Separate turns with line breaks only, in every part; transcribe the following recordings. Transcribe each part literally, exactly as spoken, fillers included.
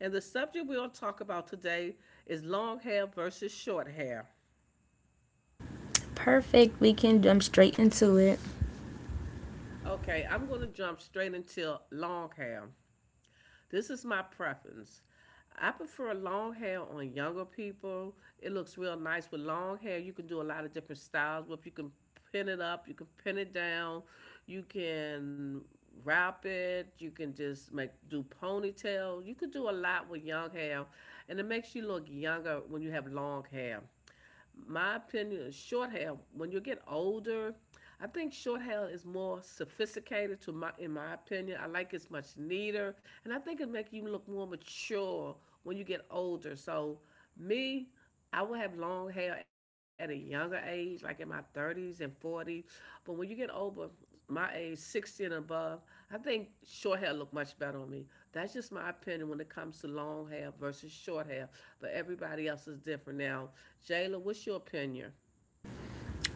and the subject we'll talk about today is long hair versus short hair.
Perfect, we can jump straight into it.
Okay, I'm going to jump straight into long hair. This is my preference. I prefer long hair on younger people. It looks real nice with long hair. You can do a lot of different styles with. You can pin it up, you can pin it down, you can wrap it, you can just make do ponytail. You could do a lot with young hair, and it makes you look younger when you have long hair. My opinion is short hair when you get older. I think short hair is more sophisticated to my in my opinion. I like it's much neater, and I think it makes you look more mature when you get older. So me, I would have long hair at a younger age, like in my thirties and forties. But when you get over my age, sixty and above, I think short hair look much better on me. That's just my opinion when it comes to long hair versus short hair. But everybody else is different now. Jayla, what's your opinion?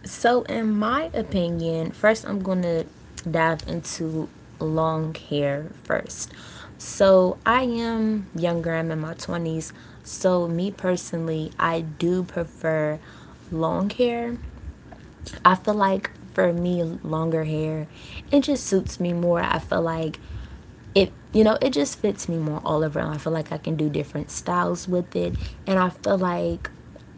So, in my opinion, first I'm going to dive into long hair first. So, I am younger, I'm in my twenties. So, me personally, I do prefer long hair. I feel like for me, longer hair, it just suits me more. I feel like it, you know, it just fits me more all around. I feel like I can do different styles with it, and I feel like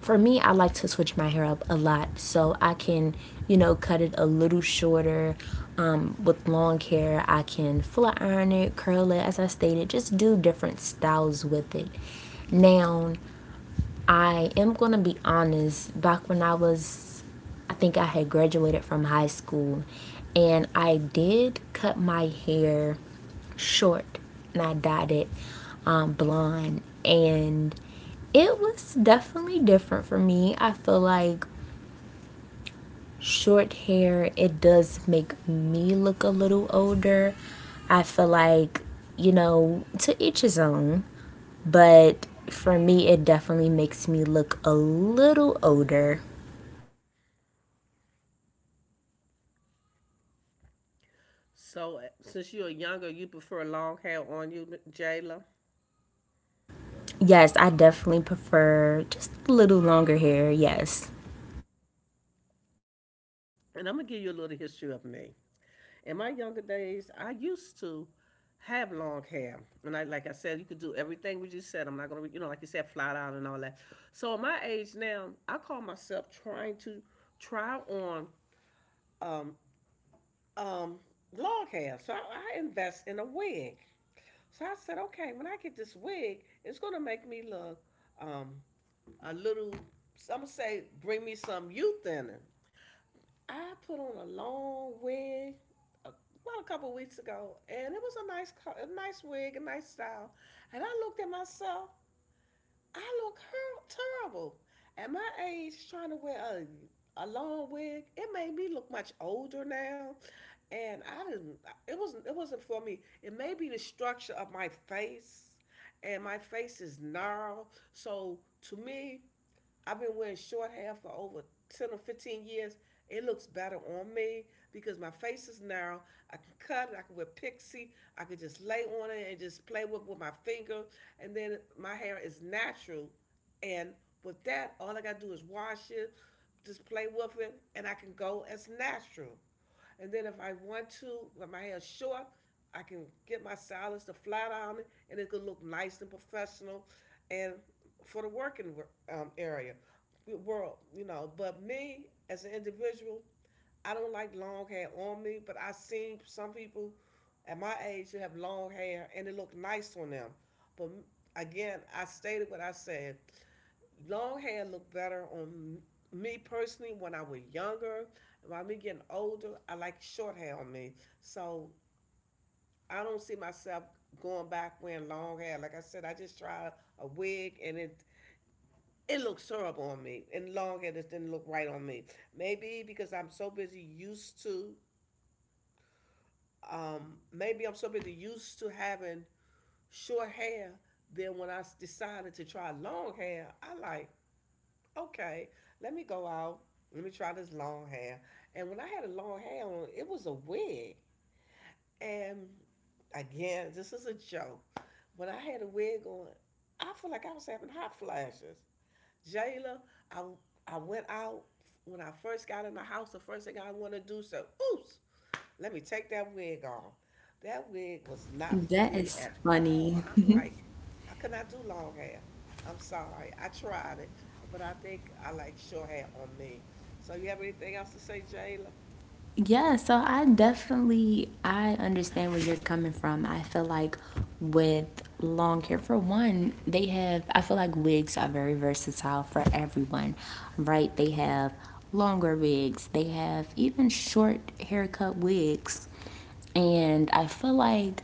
for me, I like to switch my hair up a lot, so I can, you know, cut it a little shorter. Um, with long hair, I can flat iron it, curl it, as I stated, just do different styles with it. Now, I am going to be honest, back when I was, I think I had graduated from high school, and I did cut my hair short and I dyed it um, blonde, and it was definitely different for me. I feel like short hair, it does make me look a little older. I feel like, you know, to each his own. But for me, it definitely makes me look a little older.
So uh, since you're younger, you prefer long hair on you, Jayla.
Yes, I definitely prefer just a little longer hair. Yes.
And I'm gonna give you a little history of me. In my younger days, I used to have long hair, and I, like I said, you could do everything we just said. I'm not gonna, you know, like you said, flat out and all that. So at my age now, I call myself trying to try on um um long hair. So I, I invest in a wig. So I said, okay, when I get this wig, it's gonna make me look um a little. I'm gonna say, bring me some youth in it. I put on a long wig a, about a couple of weeks ago, and it was a nice, a nice wig, a nice style. And I looked at myself. I look terrible. At my age, trying to wear a a long wig, it made me look much older now. And I didn't. It wasn't. It wasn't for me. It may be the structure of my face, and my face is narrow. So to me, I've been wearing short hair for over ten or fifteen years. It looks better on me because my face is narrow. I can cut it. I can wear pixie. I can just lay on it and just play with with my finger. And then my hair is natural. And with that, all I got to do is wash it, just play with it, and I can go as natural. And then if I want to, when my hair's short, I can get my stylist to flat iron it, and it could look nice and professional, and for the working um, area, world, you know. But me as an individual, I don't like long hair on me. But I seen some people at my age who have long hair, and it looked nice on them. But again, I stated what I said long hair looked better on me personally when I was younger. By me getting older, I like short hair on me. So I don't see myself going back wearing long hair. Like I said, I just tried a wig, and it it looks terrible on me. And long hair just didn't look right on me. Maybe because I'm so busy used to um maybe I'm so busy used to having short hair. Then when I decided to try long hair, I like okay, let me go out. Let me try this long hair. And when I had a long hair on, it was a wig. And again, this is a joke. When I had a wig on, I feel like I was having hot flashes. Jayla, I I went out. When I first got in the house, the first thing I want to do, so ooh, let me take that wig off. That wig was not for
That
me
is
at
funny.
all. I'm like, I could not do long hair. I'm sorry. I tried it, but I think I like short hair on me. So you have anything else to say, Jayla?
Yeah, so I definitely, I understand where you're coming from. I feel like with long hair, for one, they have, I feel like wigs are very versatile for everyone. Right? They have longer wigs, they have even short haircut wigs. And I feel like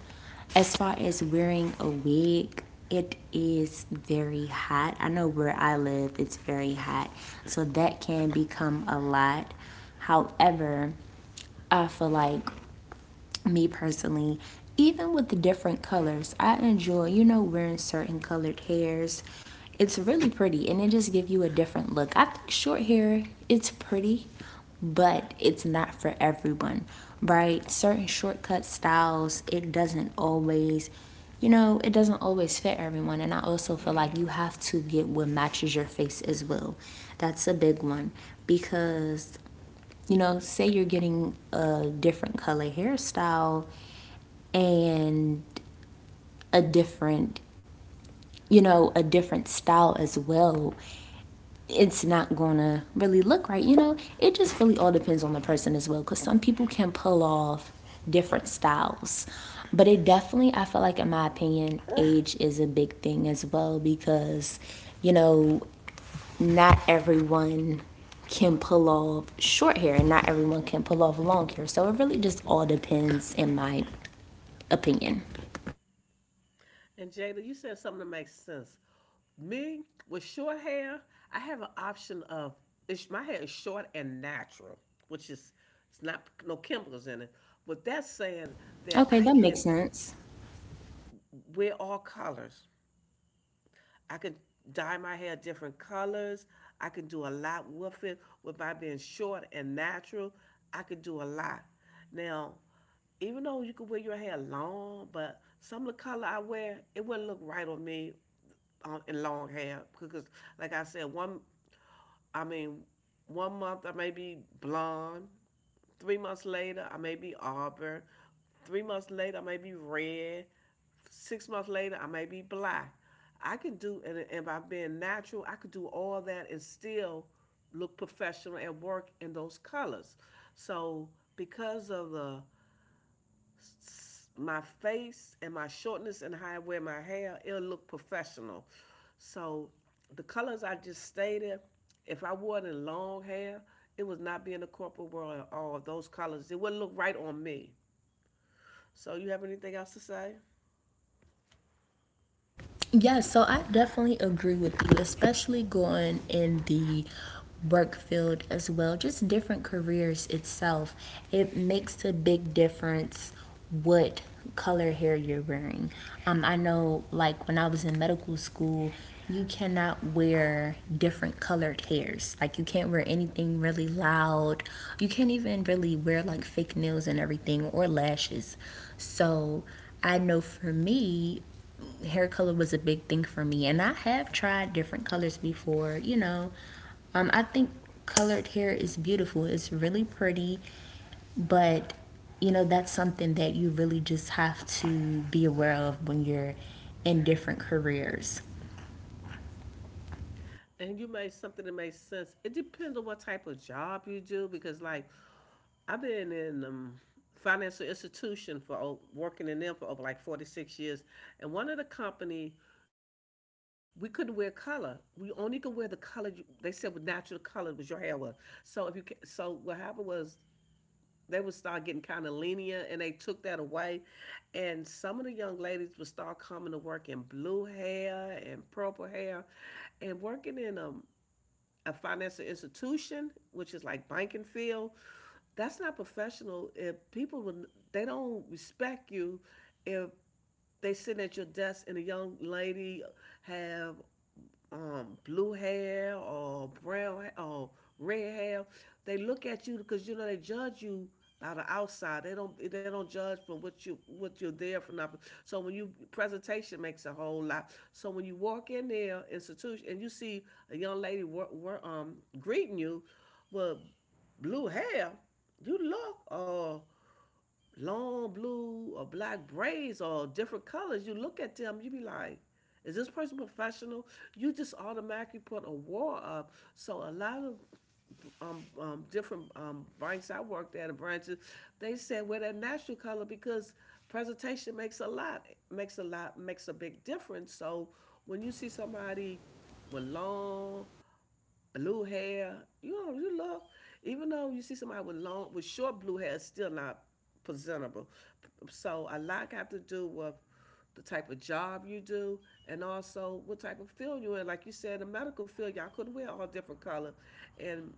as far as wearing a wig, it is very hot. I know where I live, it's very hot. So that can become a lot. However, I feel like, me personally, even with the different colors, I enjoy, you know, wearing certain colored hairs. It's really pretty and it just gives you a different look. I think short hair, it's pretty, but it's not for everyone, right? Certain shortcut styles, it doesn't always, you know, it doesn't always fit everyone. And I also feel like you have to get what matches your face as well. That's a big one, because, you know, say you're getting a different color hairstyle and a different, you know, a different style as well, it's not gonna really look right. You know, it just really all depends on the person as well, because some people can pull off different styles. But it definitely, I feel like, in my opinion, age is a big thing as well because, you know, not everyone can pull off short hair and not everyone can pull off long hair. So it really just all depends, in my opinion.
And Jada, you said something that makes sense. Me with short hair, I have an option of it's, my hair is short and natural, which is it's not no chemicals in it. But that's saying that
Okay,
I
that makes
can
sense.
wear all colors. I can dye my hair different colors. I can do a lot with it with my being short and natural. I could do a lot. Now, even though you could wear your hair long, but some of the color I wear, it wouldn't look right on me on, in long hair because, like I said, one I mean, one month I may be blonde. Three months later, I may be auburn. Three months later, I may be red. Six months later, I may be black. I can do, and, and by being natural, I could do all that and still look professional and work in those colors. So, because of the my face and my shortness and how I wear my hair, it'll look professional. So the colors I just stated, if I wore it in long hair, it would not be in the corporate world at all. Those colors, it wouldn't look right on me. So you have anything else to say?
Yeah, so I definitely agree with you, especially going in the work field as well, just different careers itself. It makes a big difference what color hair you're wearing. Um, I know, like, when I was in medical school, you cannot wear different colored hairs. Like, you can't wear anything really loud. You can't even really wear, like, fake nails and everything, or lashes. So, I know for me, hair color was a big thing for me, and I have tried different colors before. You know, um, I think colored hair is beautiful, it's really pretty, but, you know, that's something that you really just have to be aware of when you're in different careers.
And you made something that makes sense. It depends on what type of job you do because, like, I've been in um, financial institution for working in them for over like forty-six years, and one of the company we couldn't wear color. We only could wear the color you, they said with natural color was your hair was. So if you ca- so what happened was they would start getting kind of lenient, and they took that away, and some of the young ladies would start coming to work in blue hair and purple hair and working in a a financial institution, which is like banking field, that's not professional. If people would, they don't respect you if they sit at your desk and a young lady have um blue hair or brown or red hair. They look at you because you know they judge you by the outside. They don't they don't judge from what you what you're there for nothing. So when you presentation makes a whole lot. So when you walk in their institution and you see a young lady wor- wor- um greeting you with blue hair, you look, or long blue or black braids or different colors, you look at them, you be like, is this person professional? You just automatically put a wall up. So a lot of um, um, different um, banks I worked at, the branches, they said wear that natural color because presentation makes a lot, makes a lot, makes a big difference. So when you see somebody with long blue hair. You know, you love, even though you see somebody with long, with short blue hair, it's still not presentable. So a lot have to do with the type of job you do and also what type of field you're in. Like you said, the medical field, y'all couldn't wear all different color. And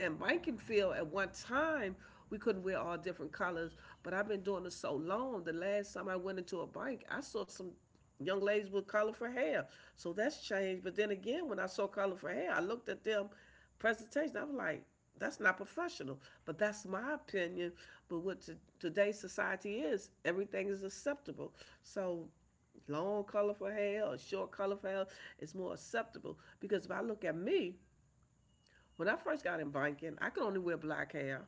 and Rankinfield at one time, we couldn't wear all different colors, but I've been doing this so long. The last time I went into a bank, I saw some young ladies with color for hair. So that's changed. But then again, when I saw color for hair, I looked at them presentation. I was like, that's not professional. But that's my opinion. But what to, today's society is, everything is acceptable. So long colorful hair or short colorful hair is more acceptable because if I look at me, when I first got in banking, I could only wear black hair.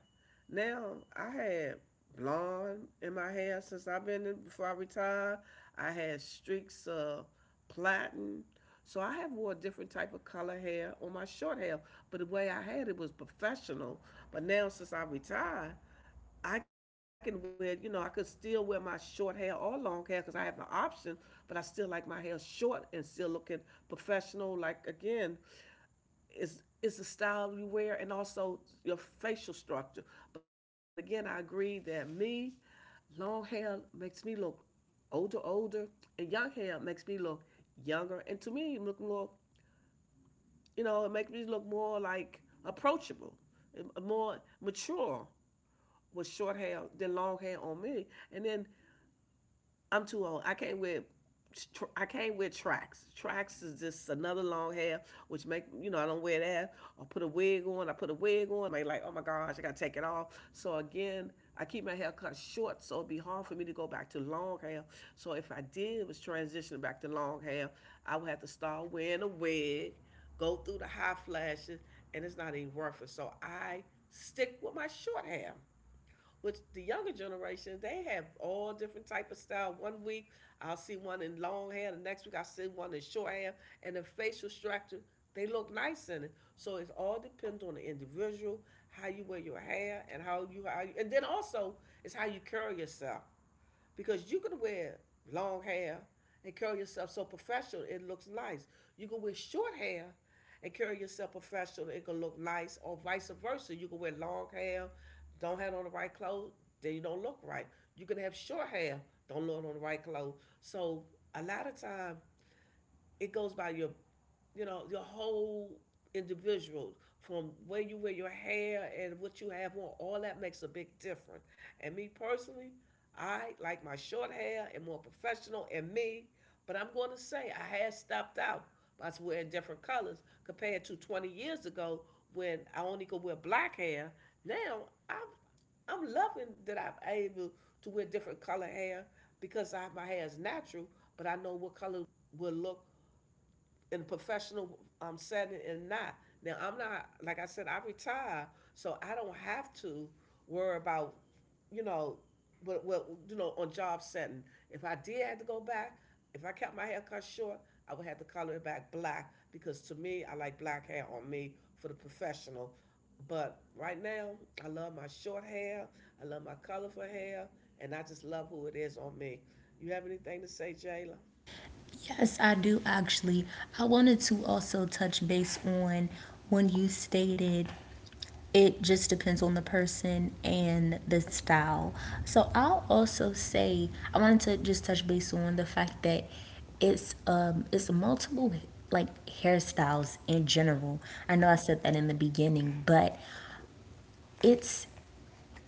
Now I had blonde in my hair since I've been in before I retired. I had streaks of platinum. So I have wore a different type of color hair on my short hair, but the way I had it was professional. But now since I retired, I can wear, you know, I could still wear my short hair or long hair because I have the option, but I still like my hair short and still looking professional, like again, is is the style you wear and also your facial structure. But again, I agree that me, long hair makes me look older, older, and young hair makes me look younger. And to me, look more, you know, it makes me look more like approachable, eh, more mature with short hair than long hair on me. And then I'm too old. I came with tr- I came with tracks. Tracks is just another long hair, which make you know I don't wear that. I put a wig on. I put a wig on. They like, oh my gosh, I gotta take it off. So again, I keep my hair cut short, so it'd be hard for me to go back to long hair. So if I did was transitioning back to long hair, I would have to start wearing a wig, go through the high flashes, and it's not even worth it. So I stick with my short hair. Which the younger generation, they have all different type of style. One week I'll see one in long hair, the next week I'll see one in short hair, and the facial structure they look nice in it. So it all depends on the individual, how you wear your hair, and how you how you, and then also it's how you carry yourself because you can wear long hair and curl yourself so professional it looks nice. You can wear short hair and curl yourself professional it can look nice, or vice versa. You can wear long hair, don't have on the right clothes, then you don't look right. You can have short hair, don't look on the right clothes. So a lot of time it goes by your you know your whole individual from where you wear your hair and what you have on, all that makes a big difference. And me personally, I like my short hair and more professional and me, but I'm going to say I had stopped out by wearing different colors compared to twenty years ago when I only could wear black hair. Now i'm i'm loving that I'm able to wear different color hair because I, my hair is natural, but I know what color will look in a professional um, setting and not. Now I'm not, like I said, I retire, so I don't have to worry about you know what what you know on job setting. If I did have to go back, if I kept my hair cut short, I would have to color it back black because to me I like black hair on me for the professional. But right now I love my short hair, I love my colorful hair, and I just love who it is on me. You have anything to say, Jayla?
Yes, I do, actually. I wanted to also touch base on when you stated it just depends on the person and the style. So I'll also say, I wanted to just touch base on the fact that it's um it's multiple, like, hairstyles in general. I know I said that in the beginning, but it's,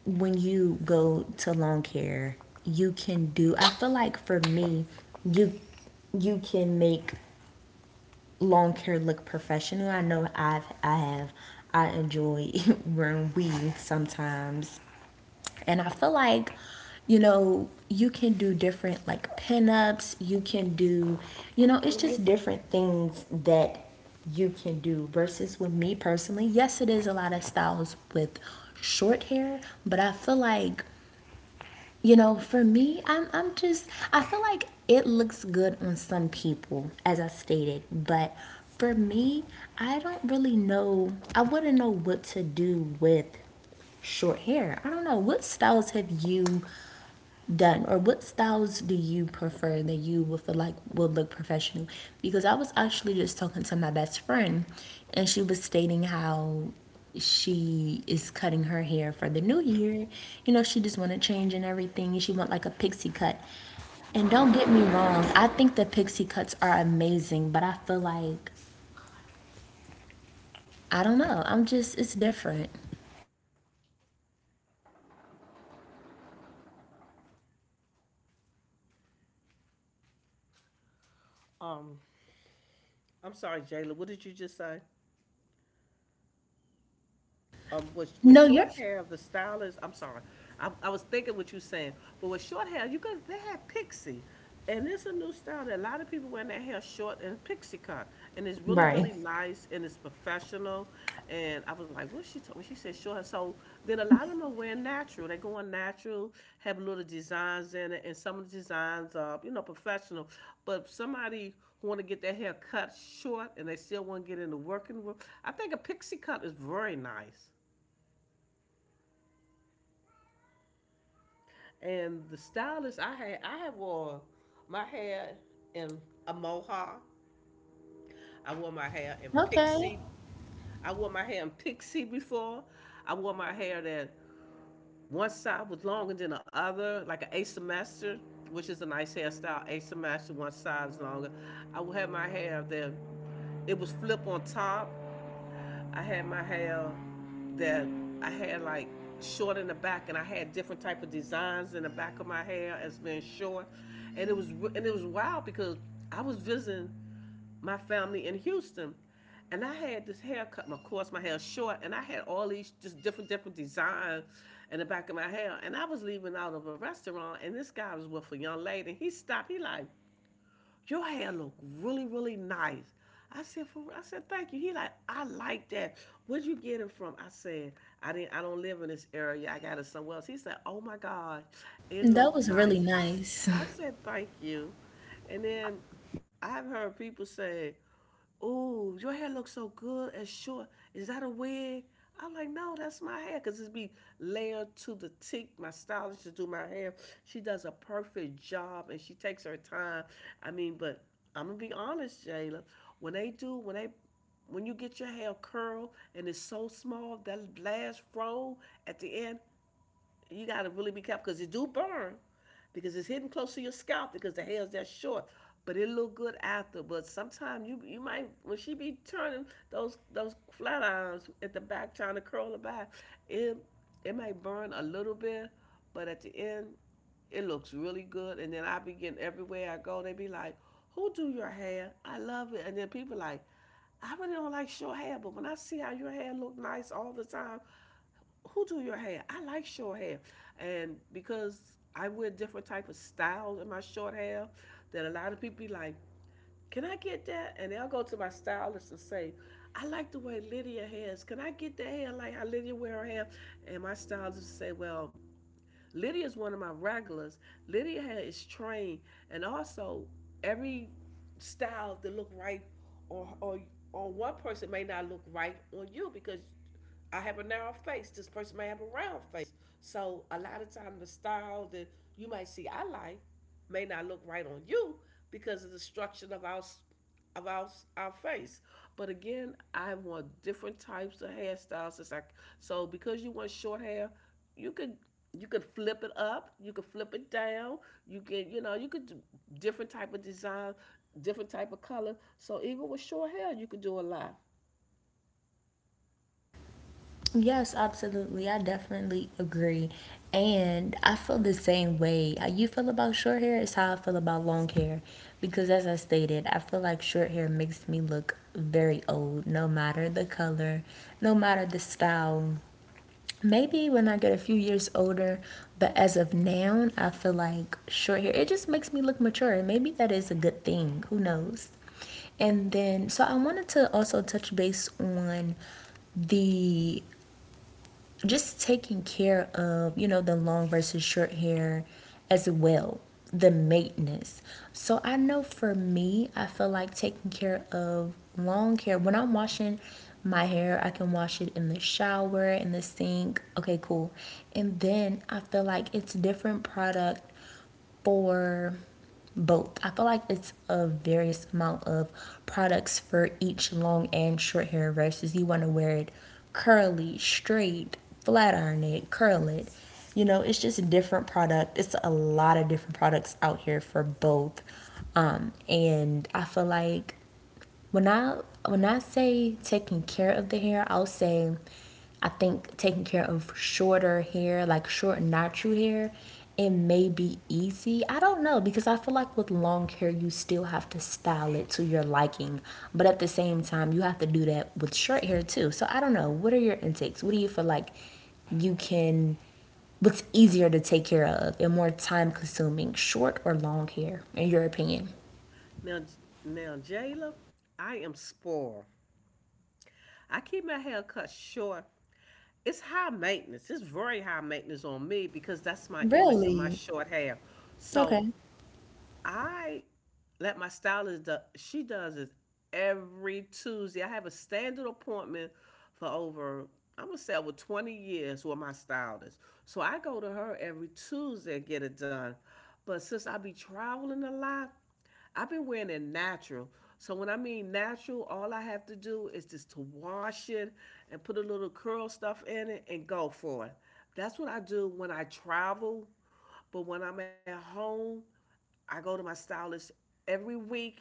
when you go to long hair, you can do, I feel like for me, you you can make long hair look professional. I know I've, I have, I enjoy wearing weave sometimes. And I feel like, you know, you can do different, like, pinups, you can do, you know, it's just different things that you can do versus with me personally. Yes, it is a lot of styles with short hair, but I feel like, you know, for me, I'm I'm just, I feel like it looks good on some people, as I stated, but for me, I don't really know. I wouldn't know what to do with short hair. I don't know what styles have you done, or what styles do you prefer that you would feel like would look professional, because I was actually just talking to my best friend, and she was stating how she is cutting her hair for the new year. You know, she just want to change and everything, she want like a pixie cut. And don't get me wrong, I think the pixie cuts are amazing, but I feel like, I don't know, I'm just, it's different.
Um, I'm sorry, Jayla. What did you just say? Um, with with
No, you're
short hair, the stylist. I'm sorry, I, I was thinking what you saying, but with short hair, you got they had pixie, and it's a new style that a lot of people wearing their hair short and pixie cut, and it's really
Right.
really nice and it's professional. And I was like, what she told me? She said short hair. So then a lot of them are wearing natural. They going natural, have little designs in it, and some of the designs are you know professional. But if somebody who want to get their hair cut short and they still want to get in the working room, I think a pixie cut is very nice. And the stylist I had, I had wore my hair in a mohawk. I wore my hair in
Okay.
pixie. I wore my hair in pixie before. I wore my hair that one side was longer than the other, like an asymmetric, which is a nice hairstyle. Asymmetric, one side is longer. I would have my hair that it was flip on top. I had my hair that I had like short in the back, and I had different type of designs in the back of my hair as being short, and it was and it was wild because I was visiting my family in Houston, and I had this haircut. Of course, my hair short, and I had all these just different different designs in the back of my hair, and I was leaving out of a restaurant, and this guy was with a young lady, and he stopped. He like, your hair look really, really nice. I said, for, I said, thank you. He like, I like that. Where'd you get it from? I said, I didn't, I don't live in this area. I got it somewhere else. He said, oh my God, it
That
looked
was really
nice. I, s-
nice.
I said, thank you. And then I've heard people say, ooh, your hair looks so good and short. Is that a wig? I'm like, no, that's my hair, 'cause it's be layered to the tip. My stylist to do my hair. She does a perfect job and she takes her time. I mean, but I'm gonna be honest, Jayla. When they do, when they When you get your hair curled and it's so small, that last roll at the end, you got to really be careful because it do burn because it's hidden close to your scalp because the hair's that short. But it look good after. But sometimes you you might when she be turning those those flat irons at the back trying to curl the back, it it might burn a little bit, but at the end, it looks really good. And then I begin everywhere I go, they be like, "Who do your hair? I love it." And then people like, I really don't like short hair, but when I see how your hair look nice all the time, who do your hair? I like short hair, and because I wear different type of styles in my short hair, that a lot of people be like, "Can I get that?" And they'll go to my stylist and say, "I like the way Lydia has. Can I get that hair like how Lydia wear her hair?" And my stylist will say, "Well, Lydia is one of my regulars. Lydia hair is trained, and also every style that look right on on on one person may not look right on you because I have a narrow face. This person may have a round face. So a lot of time the style that you might see I like may not look right on you because of the structure of our of our, our face. But again, I want different types of hairstyles. It's like, so because you want short hair, you could you could flip it up, you could flip it down, you can you know you could do different type of design, different type of color. So even with short hair, you could do a lot.
Yes, absolutely. I definitely agree. And I feel the same way. How you feel about short hair is how I feel about long hair. Because, as I stated, I feel like short hair makes me look very old, no matter the color, no matter the style. Maybe when I get a few years older, but as of now, I feel like short hair, it just makes me look mature. And maybe that is a good thing. Who knows? And then, so I wanted to also touch base on the just taking care of, you know, the long versus short hair as well, the maintenance. So I know for me, I feel like taking care of long hair, when I'm washing my hair, I can wash it in the shower, in the sink. Okay, cool. And then I feel like it's different product for both. I feel like it's a various amount of products for each long and short hair versus you want to wear it curly, straight, flat iron it, curl it. You know, it's just a different product. It's a lot of different products out here for both. Um, and I feel like when I when I say taking care of the hair, I'll say I think taking care of shorter hair, like short natural hair, it may be easy. I don't know, because I feel like with long hair, you still have to style it to your liking. But at the same time, you have to do that with short hair too. So I don't know. What are your intakes? What do you feel like you can, what's easier to take care of and more time consuming, short or long hair, in your opinion?
Now, now Jayla, I am spoiled. I keep my hair cut short. It's high maintenance. It's very high maintenance on me because that's my image of my
Really?
short hair.
Okay.
So I let my stylist do, she does this every Tuesday. I have a standard appointment for over, I'm gonna say over twenty years with my stylist. So I go to her every Tuesday and get it done. But since I be traveling a lot, I've been wearing it natural. So when I mean natural, all I have to do is just to wash it and put a little curl stuff in it and go for it. That's what I do when I travel. But when I'm at home, I go to my stylist every week,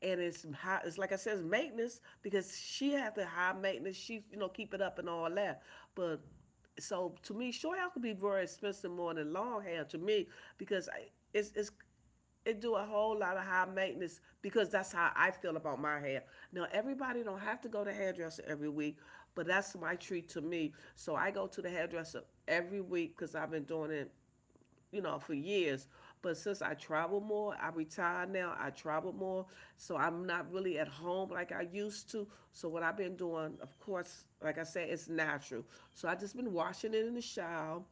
and it's high, it's like I said, it's maintenance because she has to high maintenance. She you know keep it up and all that. But so to me, short hair could be very expensive more than long hair to me because I, it's it's it do a whole lot of high maintenance because that's how I feel about my hair. Now everybody don't have to go to hairdresser every week, but that's my treat to me. So I go to the hairdresser every week because I've been doing it you know, for years. But since I travel more, I retire now, I travel more. So I'm not really at home like I used to. So what I've been doing, of course, like I said, it's natural. So I just been washing it in the shower,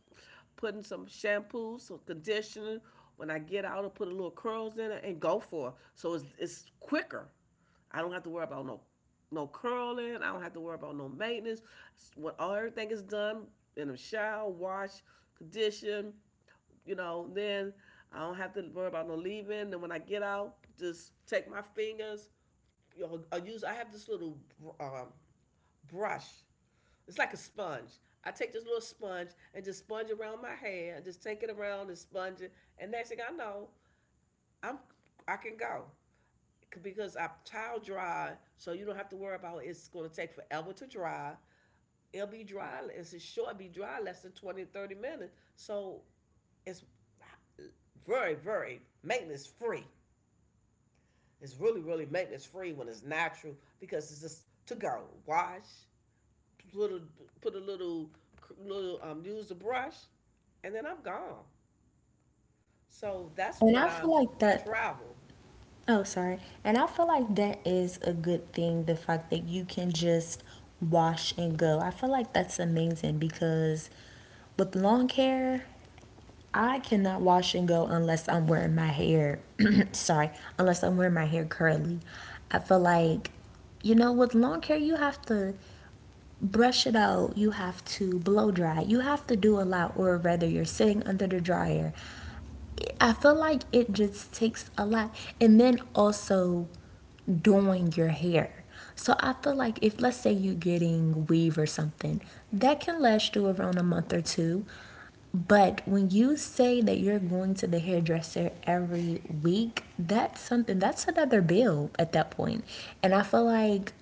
putting some shampoo, some conditioner. When I get out, I put a little curls in it and go for it. So it's, it's quicker. I don't have to worry about no no curling. I don't have to worry about no maintenance. When all everything is done in the shower, wash, condition, you know, then I don't have to worry about no leaving. Then when I get out, just take my fingers. You know, I use I have this little um, brush. It's like a sponge. I take this little sponge and just sponge around my hair and just take it around and sponge it. And next thing I know, I'm I can go because I towel dry, so you don't have to worry about it's going to take forever to dry. It'll be dry. It's short. It'll be dry less than twenty, thirty minutes. So it's very, very maintenance free. It's really, really maintenance free when it's natural because it's just to go. Wash, put a little, put a little, little um, use a brush, and then I'm gone. So that's
And
when
I
I
feel like that
travel.
Oh, sorry. And I feel like that is a good thing, the fact that you can just wash and go. I feel like that's amazing, because with long hair, I cannot wash and go unless I'm wearing my hair, sorry, unless I'm wearing my hair curly. I feel like, you know, with long hair, you have to brush it out, you have to blow dry, you have to do a lot, or rather, you're sitting under the dryer. I feel like it just takes a lot. And then also, doing your hair. So I feel like if, let's say you're getting weave or something, that can last you around a month or two. But when you say that you're going to the hairdresser every week, that's something that's another bill at that point. And I feel like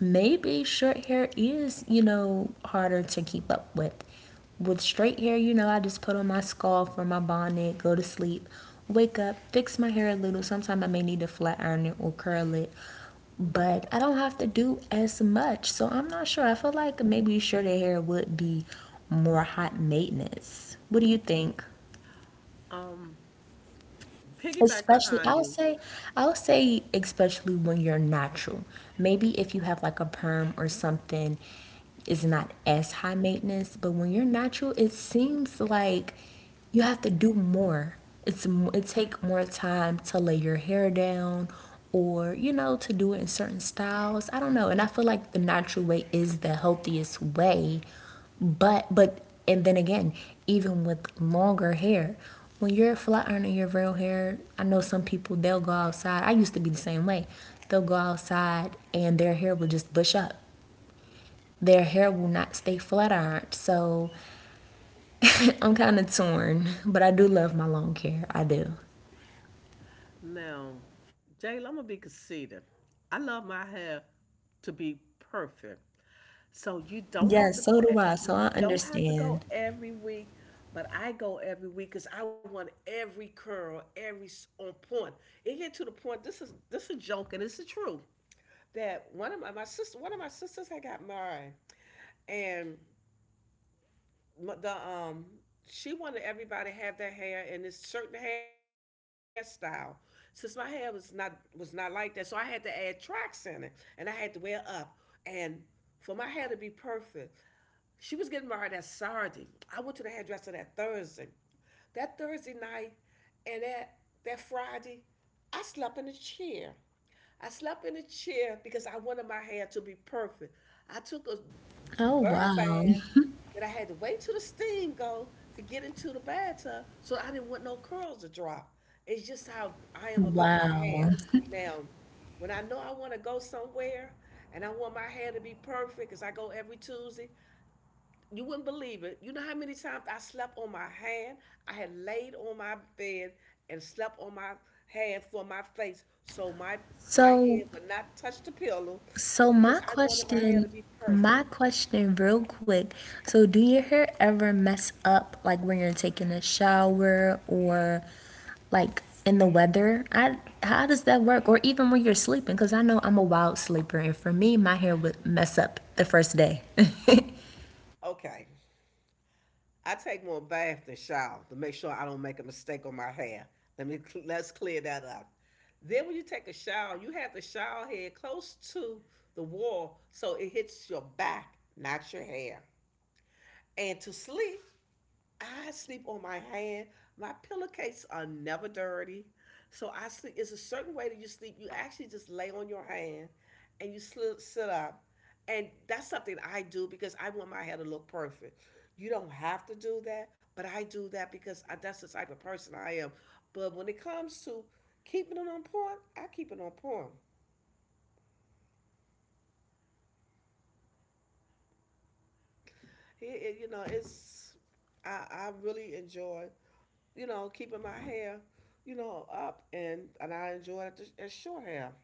maybe short hair is, you know, harder to keep up with. With straight hair, you know, I just put on my scarf or my bonnet, go to sleep, wake up, fix my hair a little. Sometimes I may need to flat iron it or curl it, but I don't have to do as much. So I'm not sure. I feel like maybe shorter hair would be more hot maintenance. What do you think?
Um, Piggyback
Especially, I
behind
would
you.
say, I would say, especially when you're natural. Maybe if you have like a perm or something, is not as high maintenance. But when you're natural, it seems like you have to do more. It's it take more time to lay your hair down, or, you know, to do it in certain styles. I don't know. And I feel like the natural way is the healthiest way, but but, and then again, even with longer hair, when you're flat ironing your real hair, I know some people they'll go outside. I used to be the same way. They'll go outside and their hair will just bush up. Their hair will not stay flat ironed. So I'm kind of torn, but I do love my long hair. I do.
Now, Jayla, I'm gonna be conceited. I love my hair to be perfect. So you don't have to
Yes, so
go
do I.
e-
So I
you don't have to
understand.
go every week, but I go every week cuz I want every curl, every s- on point. It get to the point, this is this is a joke and it's the truth. That one of my, my sister one of my sisters had got married, and m- the um she wanted everybody to have their hair in this certain hairstyle. Since my hair was not was not like that, so I had to add tracks in it, and I had to wear it up. And for my hair to be perfect, she was getting married that Saturday. I went to the hairdresser that Thursday. That Thursday night and that that Friday, I slept in a chair. I slept in a chair because I wanted my hair to be perfect. I took a
Oh,
bird
wow.
bath that I had to wait till the steam go to get into the bathtub, so I didn't want no curls to drop. It's just how I am about my
Wow.
hair. Now, when I know I want to go somewhere and I want my hair to be perfect, because I go every Tuesday, you wouldn't believe it. You know how many times I slept on my hand? I had laid on my bed and slept on my hand for my face so my my
So
head would not touch the pillow
so
because
my
I wanted my hair to
question
be
my
perfect.
question real quick. So do your hair ever mess up, like when you're taking a shower or like in the weather? I how does that work, or even when you're sleeping, because I know I'm a wild sleeper and for me my hair would mess up the first day.
Okay. I take more bath than shower to make sure I don't make a mistake on my hair. Let me let's clear that up. Then when you take a shower, you have the shower head close to the wall so it hits your back, not your hair. And to sleep, I sleep on my hand. My pillowcases are never dirty. So I sleep. It's a certain way that you sleep. You actually just lay on your hand, and you sli- sit up, and that's something I do because I want my hair to look perfect. You don't have to do that, but I do that because I, that's the type of person I am. But when it comes to keeping it on point, I keep it on point. It- it- you know, it's I, I really enjoy, you know, keeping my hair, you know, up, and and I enjoy it as short hair.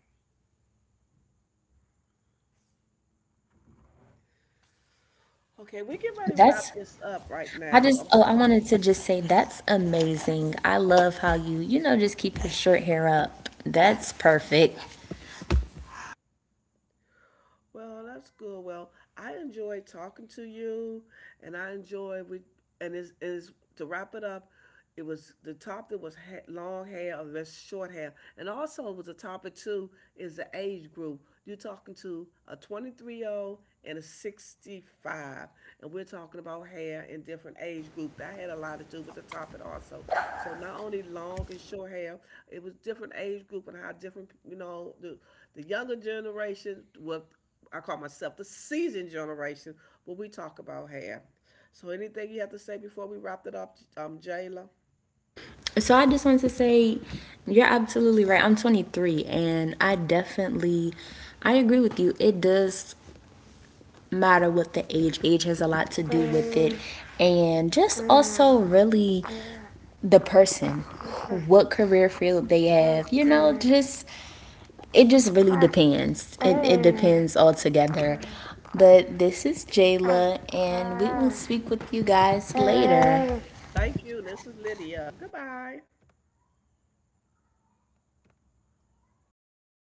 Okay, we get ready to
That's
wrap this up right
I
now.
just,
I'm
oh, I
sorry.
wanted to just say that's amazing. I love how you, you know, just keep your short hair up. That's perfect.
Well, that's good. Well, I enjoy talking to you, and I enjoy we and it's, and it's to wrap it up. It was, the topic was ha- long hair or less short hair, and also it was a topic too is the age group. You're talking to a twenty-three year old and a sixty-five, and we're talking about hair in different age group. That had a lot to do with the topic also. So not only long and short hair, it was different age group, and how different, you know, the the younger generation, what I call myself the seasoned generation, but we talk about hair. So anything you have to say before we wrap it up, um, Jayla?
So I just wanted to say you're absolutely right. I'm twenty-three and I definitely, I agree with you. It does matter what the age, age has a lot to do with it. And just also really the person, what career field they have, you know, just it just really depends. It, it depends altogether. But this is Jayla, and we will speak with you guys later.
Thank you. This is Lydia. Goodbye.